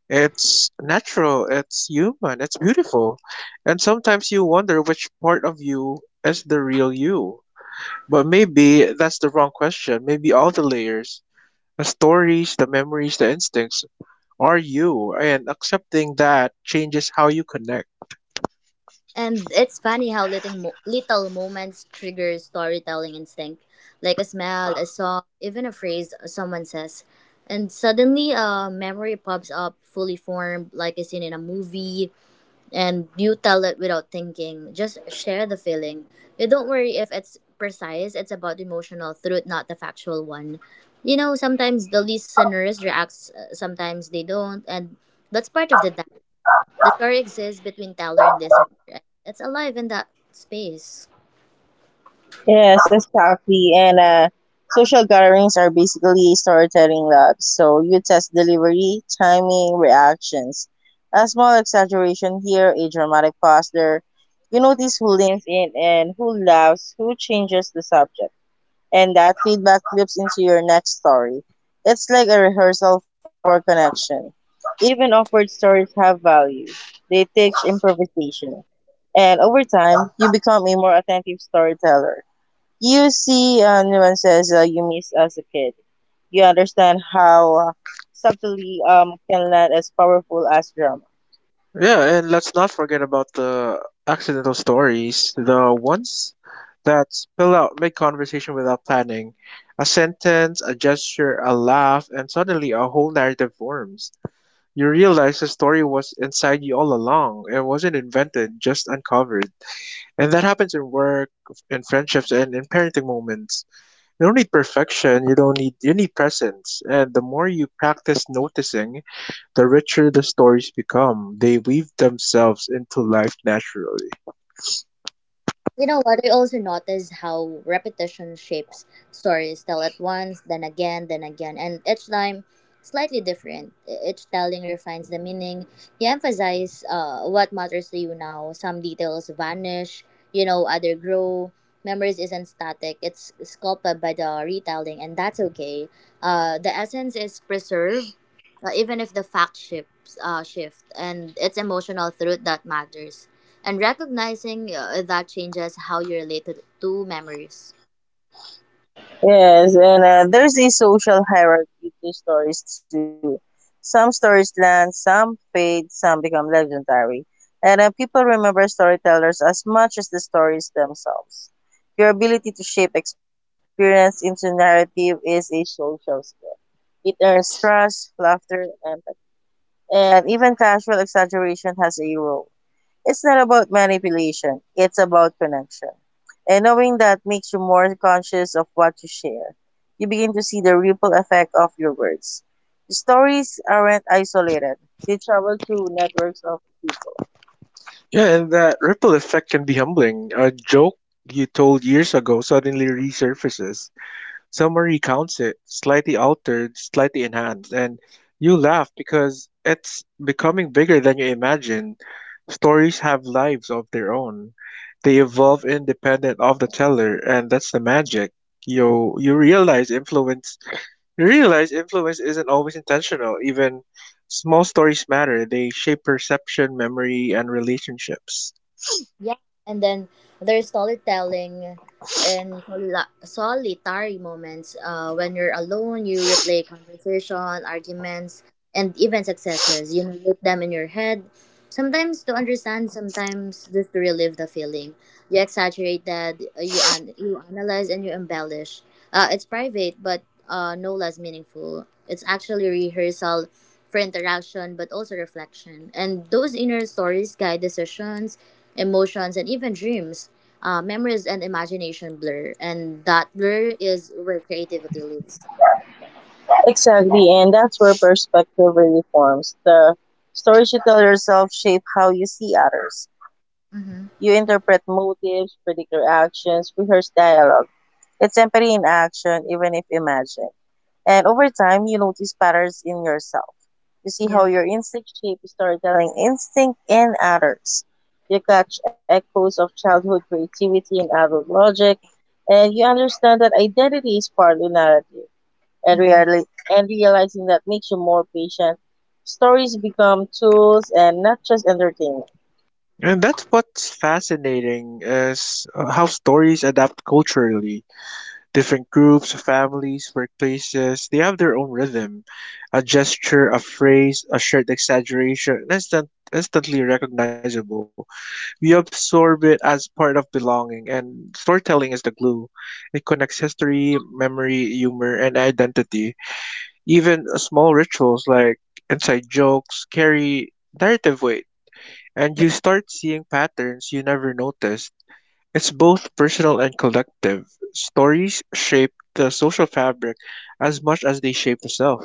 It's natural, it's human, it's beautiful. And sometimes you wonder which part of you is the real you. But maybe that's the wrong question. Maybe all the layers, the stories, the memories, the instincts are you? And accepting that changes how you connect. And it's funny how little moments trigger storytelling instinct, like a smell, a song, even a phrase someone says. And suddenly, a memory pops up fully formed, like a scene in a movie, and you tell it without thinking. Just share the feeling. You don't worry if it's precise, it's about the emotional truth, not the factual one. You know, sometimes the listeners reacts, sometimes they don't, and that's part of the dance. The story exists between teller and listener, and it's alive in that space. Yes, exactly. And social gatherings are basically storytelling labs. So you test delivery, timing, reactions. A small exaggeration here, a dramatic pause there. You notice who leans in and who laughs, who changes the subject. And that feedback flips into your next story. It's like a rehearsal for connection. Even awkward stories have value, they teach improvisation. And over time, you become a more attentive storyteller. You see Nuan says, you miss as a kid. You understand how subtlety can land as powerful as drama. Yeah, and let's not forget about the accidental stories, the ones that spill out mid conversation without planning. A sentence, a gesture, a laugh, and suddenly a whole narrative forms. You realize the story was inside you all along. It wasn't invented, just uncovered. And that happens in work, in friendships, and in parenting moments. You don't need perfection, you don't need you need presence. And the more you practice noticing, the richer the stories become. They weave themselves into life naturally. You know what? I also notice how repetition shapes stories tell at once, then again, and each time slightly different. Each telling refines the meaning. You emphasize what matters to you now. Some details vanish, you know, other grow. Memories isn't static, it's sculpted by the retelling, and that's okay. The essence is preserved, even if the fact shift, and it's emotional truth that matters and recognizing that changes how you relate to memories. Yes, and there's a social hierarchy to stories too. Some stories land, some fade, some become legendary. And people remember storytellers as much as the stories themselves. Your ability to shape experience into narrative is a social skill. It earns trust, laughter, and even casual exaggeration has a role. It's not about manipulation, it's about connection. And knowing that makes you more conscious of what you share. You begin to see the ripple effect of your words. Stories aren't isolated, they travel through networks of people. Yeah, and that ripple effect can be humbling. A joke you told years ago suddenly resurfaces. Someone recounts it, slightly altered, slightly enhanced, and you laugh because it's becoming bigger than you imagine. Stories have lives of their own. They evolve independent of the teller, and that's the magic. You you realize influence you realize influence isn't always intentional. Even small stories matter. They shape perception, memory, and relationships. Yeah, and then there's storytelling and solitary moments. When you're alone, you replay conversation, arguments, and even successes. You note them in your head. Sometimes to understand, sometimes just to relive the feeling. You exaggerate that, you analyze and you embellish. It's private, but no less meaningful. It's actually rehearsal for interaction, but also reflection. And those inner stories guide decisions emotions, and even dreams. Memories and imagination blur, and that blur is where creativity lives. Exactly, and that's where perspective really forms. The stories you tell yourself shape how you see others. You Mm-hmm. interpret motives, predict reactions, rehearse dialogue. It's empathy in action, even if imagined. And over time, you notice patterns in yourself. You see how Yeah. your instinct shapes storytelling instinct in others. You catch echoes of childhood creativity in adult logic, and you understand that identity is partly narrative. And, Mm-hmm. Realizing that makes you more patient, stories become tools and not just entertainment. And that's what's fascinating is how stories adapt culturally. Different groups, families, workplaces, they have their own rhythm. A gesture, a phrase, a shared exaggeration, instantly recognizable. We absorb it as part of belonging, and storytelling is the glue. It connects history, memory, humor, and identity. Even small rituals like inside jokes carry narrative weight, and you start seeing patterns you never noticed. It's both personal and collective. Stories shape the social fabric as much as they shape the self.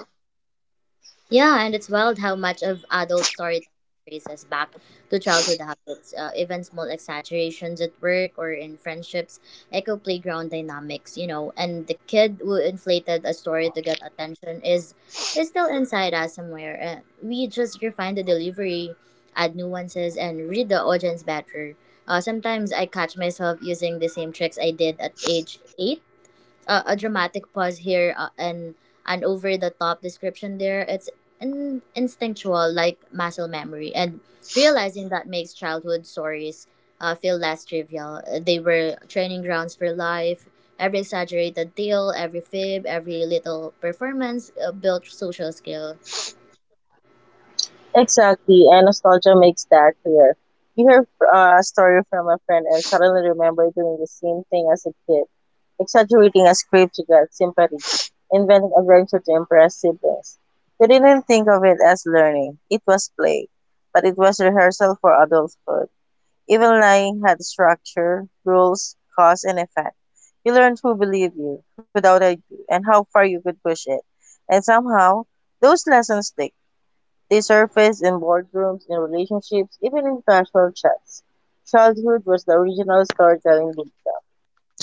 Yeah, and it's wild how much of adult storytelling traces back to childhood habits, even small exaggerations at work or in friendships, echo playground dynamics, you know, and the kid who inflated a story to get attention is still inside us somewhere. We just refine the delivery, add nuances, and read the audience better. Sometimes I catch myself using the same tricks I did at age eight a dramatic pause here and an over the top description there. It's instinctual, like muscle memory, and realizing that makes childhood stories feel less trivial. They were training grounds for life. Every exaggerated tale, every fib, every little performance built social skill. Exactly, and nostalgia makes that clear. You hear a story from a friend and suddenly remember doing the same thing as a kid, exaggerating a script to get sympathy, inventing adventure to impress siblings. You didn't think of it as learning, it was play, but it was rehearsal for adulthood. Even lying had structure, rules, cause, and effect. You learned who believed you, who doubted you, and how far you could push it. And somehow, those lessons stick, they surface in boardrooms, in relationships, even in casual chats. Childhood was the original storytelling bootcamp.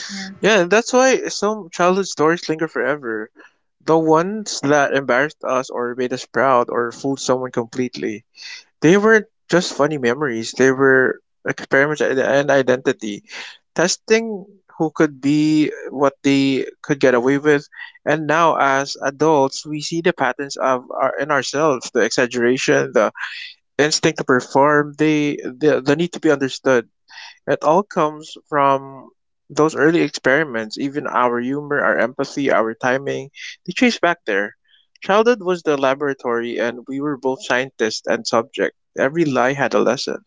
Yeah. Yeah, and that's why some childhood stories linger forever. The ones that embarrassed us or made us proud or fooled someone completely. They weren't just funny memories, they were experiments in identity, testing who could be, what they could get away with. And now, as adults, we see the patterns in ourselves: the exaggeration, the instinct to perform, the need to be understood. It all comes from those early experiments, even our humor, our empathy, our timing, they trace back there. Childhood was the laboratory, and we were both scientist and subject. Every lie had a lesson.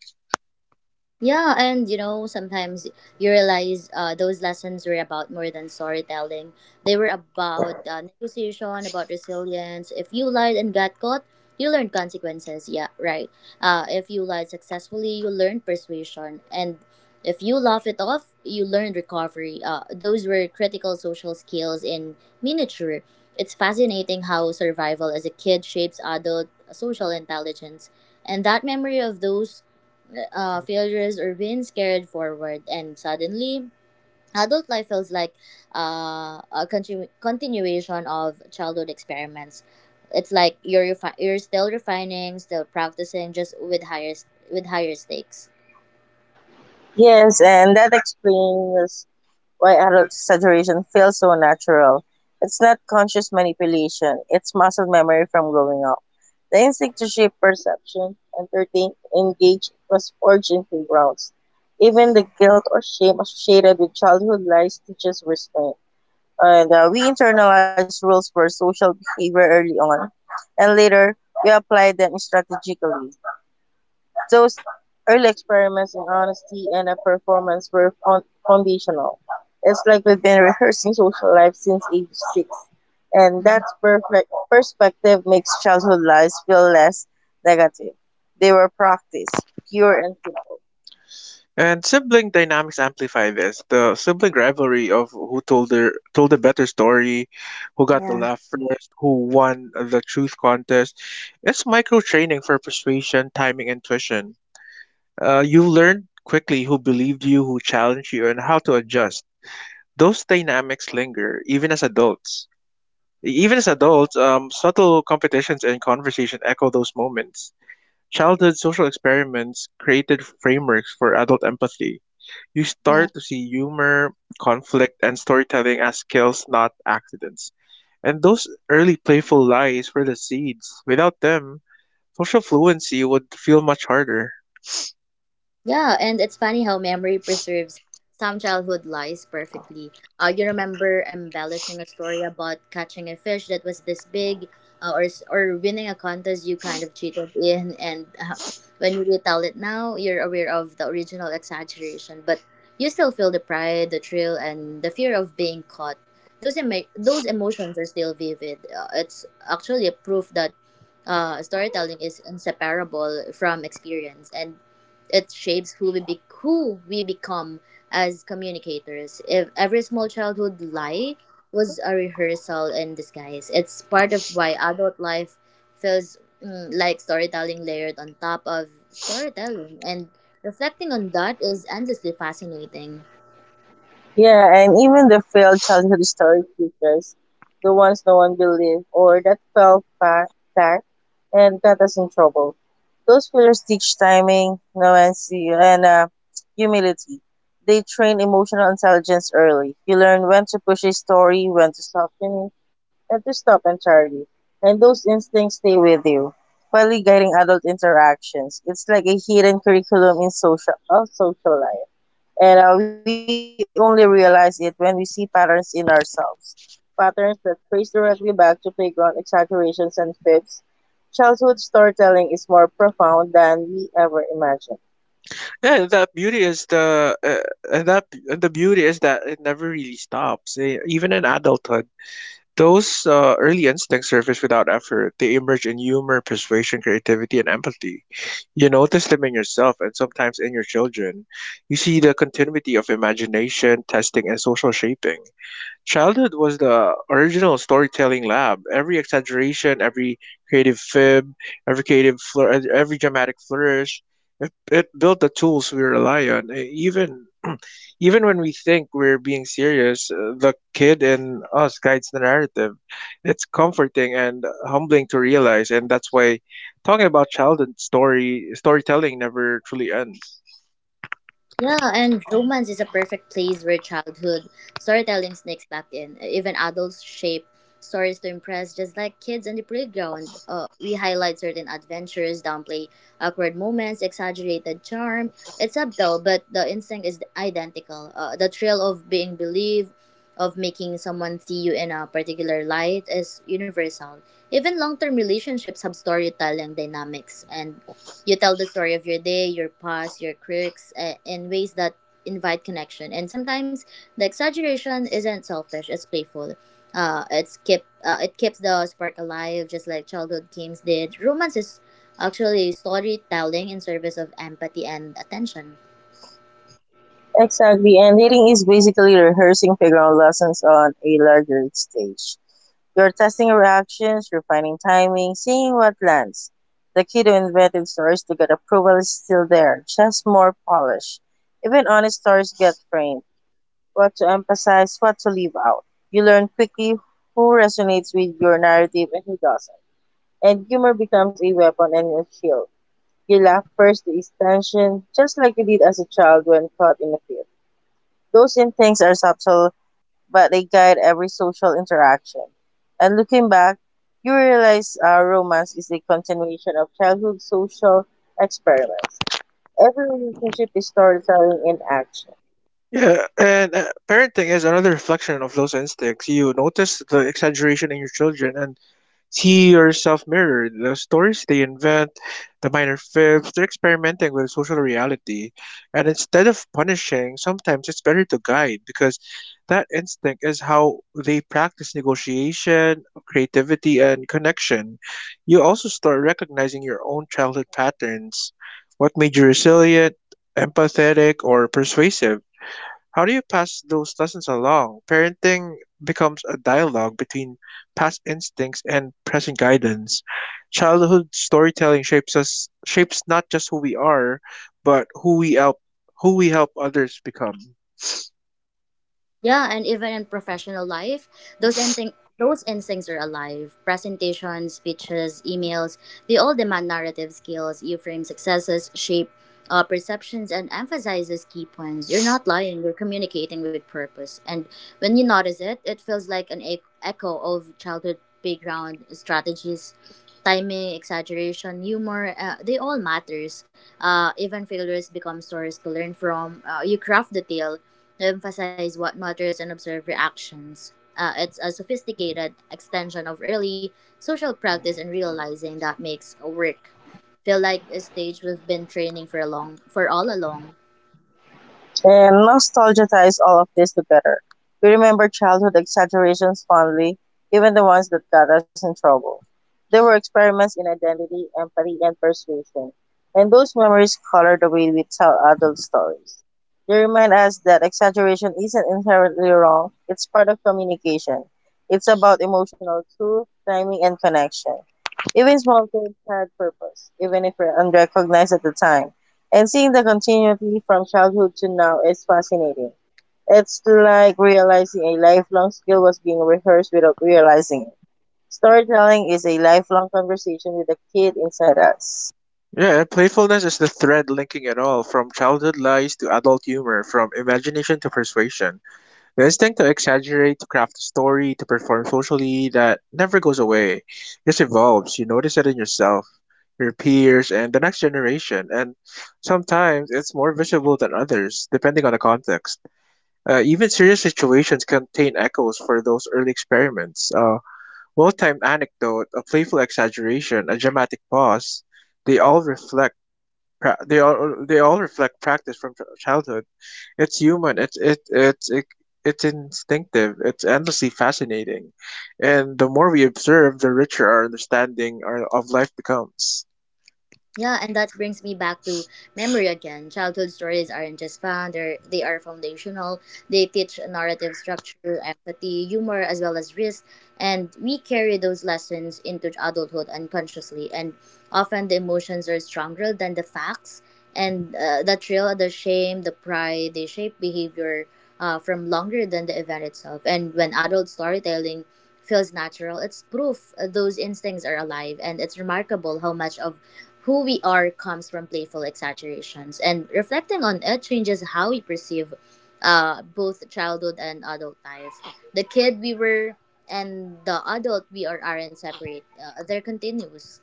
Yeah, and you know, sometimes you realize those lessons were about more than storytelling. They were about negotiation, about resilience. If you lied and got caught, you learned consequences. Yeah, right. If you lied successfully, you learned persuasion. And if you laugh it off, you learned recovery. Those were critical social skills in miniature. It's fascinating how survival as a kid shapes adult social intelligence. And that memory of those failures or wins carried forward, and suddenly, adult life feels like a continuation of childhood experiments. It's like you're you're still refining, still practicing, just with higher with higher stakes. Yes, and that explains why adult exaggeration feels so natural. It's not conscious manipulation, it's muscle memory from growing up. The instinct to shape perception, entertain, engage was forged in playgrounds. Even the guilt or shame associated with childhood lies teaches restraint. And we internalize rules for social behavior early on, and later we apply them strategically. Those early experiments in honesty and performance were foundational. It's like we've been rehearsing social life since age six, and Mhm. that perfect perspective makes childhood lives feel less negative. They were practiced, pure and simple. And sibling dynamics amplify this. The sibling rivalry of who told the better story, who got the Yeah. laugh first, who won the truth contest. It's micro training for persuasion, timing, and intuition. You learn quickly who believed you, who challenged you, and how to adjust. Those dynamics linger even as adults. Even as adults, subtle competitions and conversation echo those moments. Childhood social experiments created frameworks for adult empathy. You start to see humor, conflict, and storytelling as skills, not accidents. And those early playful lies were the seeds. Without them, social fluency would feel much harder. Yeah, and it's funny how memory preserves some childhood lies perfectly. You remember embellishing a story about catching a fish that was this big, or winning a contest you kind of cheated in, and when you retell it now, you're aware of the original exaggeration, but you still feel the pride, the thrill, and the fear of being caught. Those those emotions are still vivid. It's actually a proof that storytelling is inseparable from experience and it shapes who who we become as communicators. If every small childhood lie was a rehearsal in disguise, it's part of why adult life feels like storytelling layered on top of storytelling. And reflecting on that is endlessly fascinating. Yeah, and even the failed childhood story features, the ones no one believed or that fell flat and got us in trouble. Those fillers teach timing, nuancy, and humility. They train emotional intelligence early. You learn when to push a story, when to stop finish, and to stop entirely. And those instincts stay with you, quietly guiding adult interactions. It's like a hidden curriculum in social, of social life. And we only realize it when we see patterns in ourselves. Patterns that trace directly back to playground exaggerations and fibs. Childhood storytelling is more profound than we ever imagined. Yeah, and that beauty is the uh, and that and the beauty is that it never really stops. Even in adulthood, those early instincts surface without effort. They emerge in humor, persuasion, creativity, and empathy. You notice them in yourself and sometimes in your children. You see the continuity of imagination, testing, and social shaping. Childhood was the original storytelling lab. Every exaggeration, creative fib, every dramatic flourish, it built the tools we rely on. Even when we think we're being serious, the kid in us guides the narrative. It's comforting and humbling to realize, and that's why talking about childhood story storytelling never truly ends. Yeah, and romance is a perfect place where childhood storytelling sneaks back in. Even adults shape stories to impress, just like kids on the playground. We highlight certain adventures, downplay awkward moments, exaggerated charm. It's subtle, but the instinct is identical. The thrill of being believed, of making someone see you in a particular light, is universal. Even long term relationships have storytelling dynamics, and you tell the story of your day, your past, your quirks, in ways that invite connection. And sometimes the exaggeration isn't selfish; it's playful. It keeps the spark alive, just like childhood games did. Romance is actually storytelling in service of empathy and attention. Exactly, and dating is basically rehearsing playground lessons on a larger stage. You're testing reactions, refining timing, seeing what lands. The kid who invented stories to get approval is still there, just more polished. Even honest stories get framed, what to emphasize, what to leave out. You learn quickly who resonates with your narrative and who doesn't. And humor becomes a weapon and a shield. You laugh first to ease tension, just like you did as a child when caught in a field. Those instincts are subtle, but they guide every social interaction. And looking back, you realize romance is a continuation of childhood social experiments. Every relationship is storytelling in action. Yeah, and parenting is another reflection of those instincts. You notice the exaggeration in your children and see yourself mirrored. The stories they invent, the minor fibs, they're experimenting with social reality. And instead of punishing, sometimes it's better to guide because that instinct is how they practice negotiation, creativity, and connection. You also start recognizing your own childhood patterns. What made you resilient, empathetic, or persuasive? How do you pass those lessons along? Parenting becomes a dialogue between past instincts and present guidance. Childhood storytelling shapes not just who we are, but who we help others become. Yeah, and even in professional life, those those instincts are alive. Presentations, speeches, emails, they all demand narrative skills. You frame successes, shape perceptions, and emphasizes key points. You're not lying, you're communicating with purpose. And when you notice it, it feels like an echo of childhood playground strategies. Timing, exaggeration, humor, they all matters. Even failures become stories to learn from. You craft the tale to emphasize what matters and observe reactions. It's a sophisticated extension of early social practice and realizing that makes work feel like a stage we've been training for a long for all along. And nostalgia ties all of this together. We remember childhood exaggerations fondly, even the ones that got us in trouble. They were experiments in identity, empathy, and persuasion. And those memories color the way we tell adult stories. They remind us that exaggeration isn't inherently wrong, it's part of communication. It's about emotional truth, timing, and connection. Even small games had purpose, even if we unrecognized at the time. And seeing the continuity from childhood to now is fascinating. It's like realizing a lifelong skill was being rehearsed without realizing it. Storytelling is a lifelong conversation with the kid inside us. Yeah, and playfulness is the thread linking it all, from childhood lies to adult humor, from imagination to persuasion. The instinct to exaggerate, to craft a story, to perform socially, that never goes away. It just evolves. You notice it in yourself, your peers, and the next generation. And sometimes it's more visible than others, depending on the context. Even serious situations contain echoes for those early experiments. A well timed anecdote, a playful exaggeration, a dramatic pause. They all reflect. They all reflect practice from childhood. It's human. It's instinctive. It's endlessly fascinating, and the more we observe, the richer of life becomes. Yeah, and that brings me back to memory again. Childhood stories aren't just fun, they are foundational. They teach narrative structure, empathy, humor, as well as risk. And we carry those lessons into adulthood unconsciously. And often the emotions are stronger than the facts. And the thrill, the shame, the pride, they shape behavior from longer than the event itself. And when adult storytelling feels natural, it's proof those instincts are alive. And it's remarkable how much of who we are comes from playful exaggerations, and reflecting on it changes how we perceive both childhood and adult life. The kid we were and the adult we are aren't separate, they're continuous.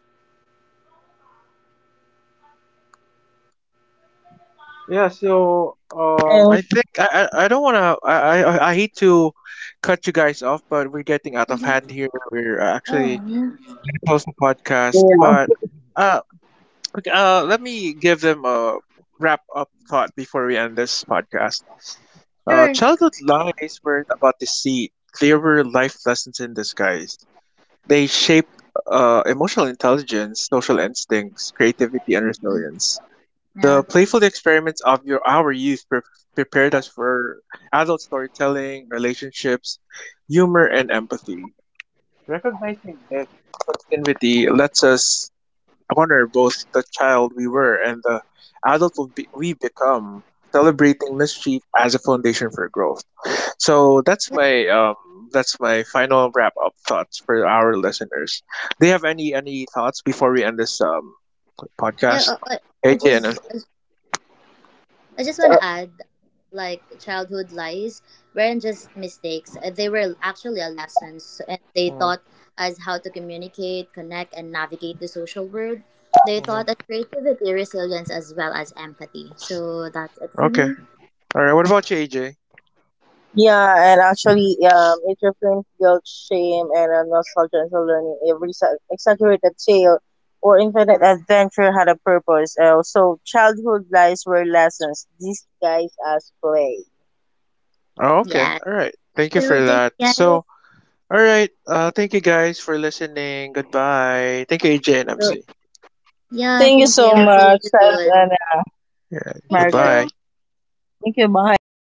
Yeah. So I And think I don't wanna, I hate to cut you guys off, but we're getting out of Mhm. hand here. We're actually Oh, gonna close the podcast, yeah, but okay, uh, let me give them a wrap up thought before we end this podcast. Sure. Childhood lies weren't about deceit, they were life lessons in disguise. They shaped emotional intelligence, social instincts, creativity, and resilience. The Yeah. playful experiments of our youth prepared us for adult storytelling, relationships, humor, and empathy. Recognizing this continuity lets us honor both the child we were and the adult we become, celebrating mischief as a foundation for growth. So Yeah. That's my final wrap up thoughts for our listeners. Do you have any thoughts before we end this yeah podcast? uh, uh, I AJ and just, MC. I just want uh, to add, like childhood lies weren't just Mhm, mistakes; they were actually a lessons, and they mhm, taught us how to communicate, connect, and navigate the social world. They mhm. taught us creativity, resilience, as well as empathy. So that's it for Okay. me. All right. What about you, AJ? yeah, and actually, it reframes guilt, shame, and nostalgia into learning. Every exaggerated tale or infinite adventure had a purpose. So childhood lies were lessons disguised as play. Oh, okay. Yeah. All right. Thank you So for thank that. you guys. So, all right. Thank you guys for listening. Goodbye. Thank you, AJ and Well, MC. yeah, Thank you thank you. so We'll see much, you Seth, soon. and Yeah. Thank Merry Christmas. you. Goodbye. Thank you. Bye.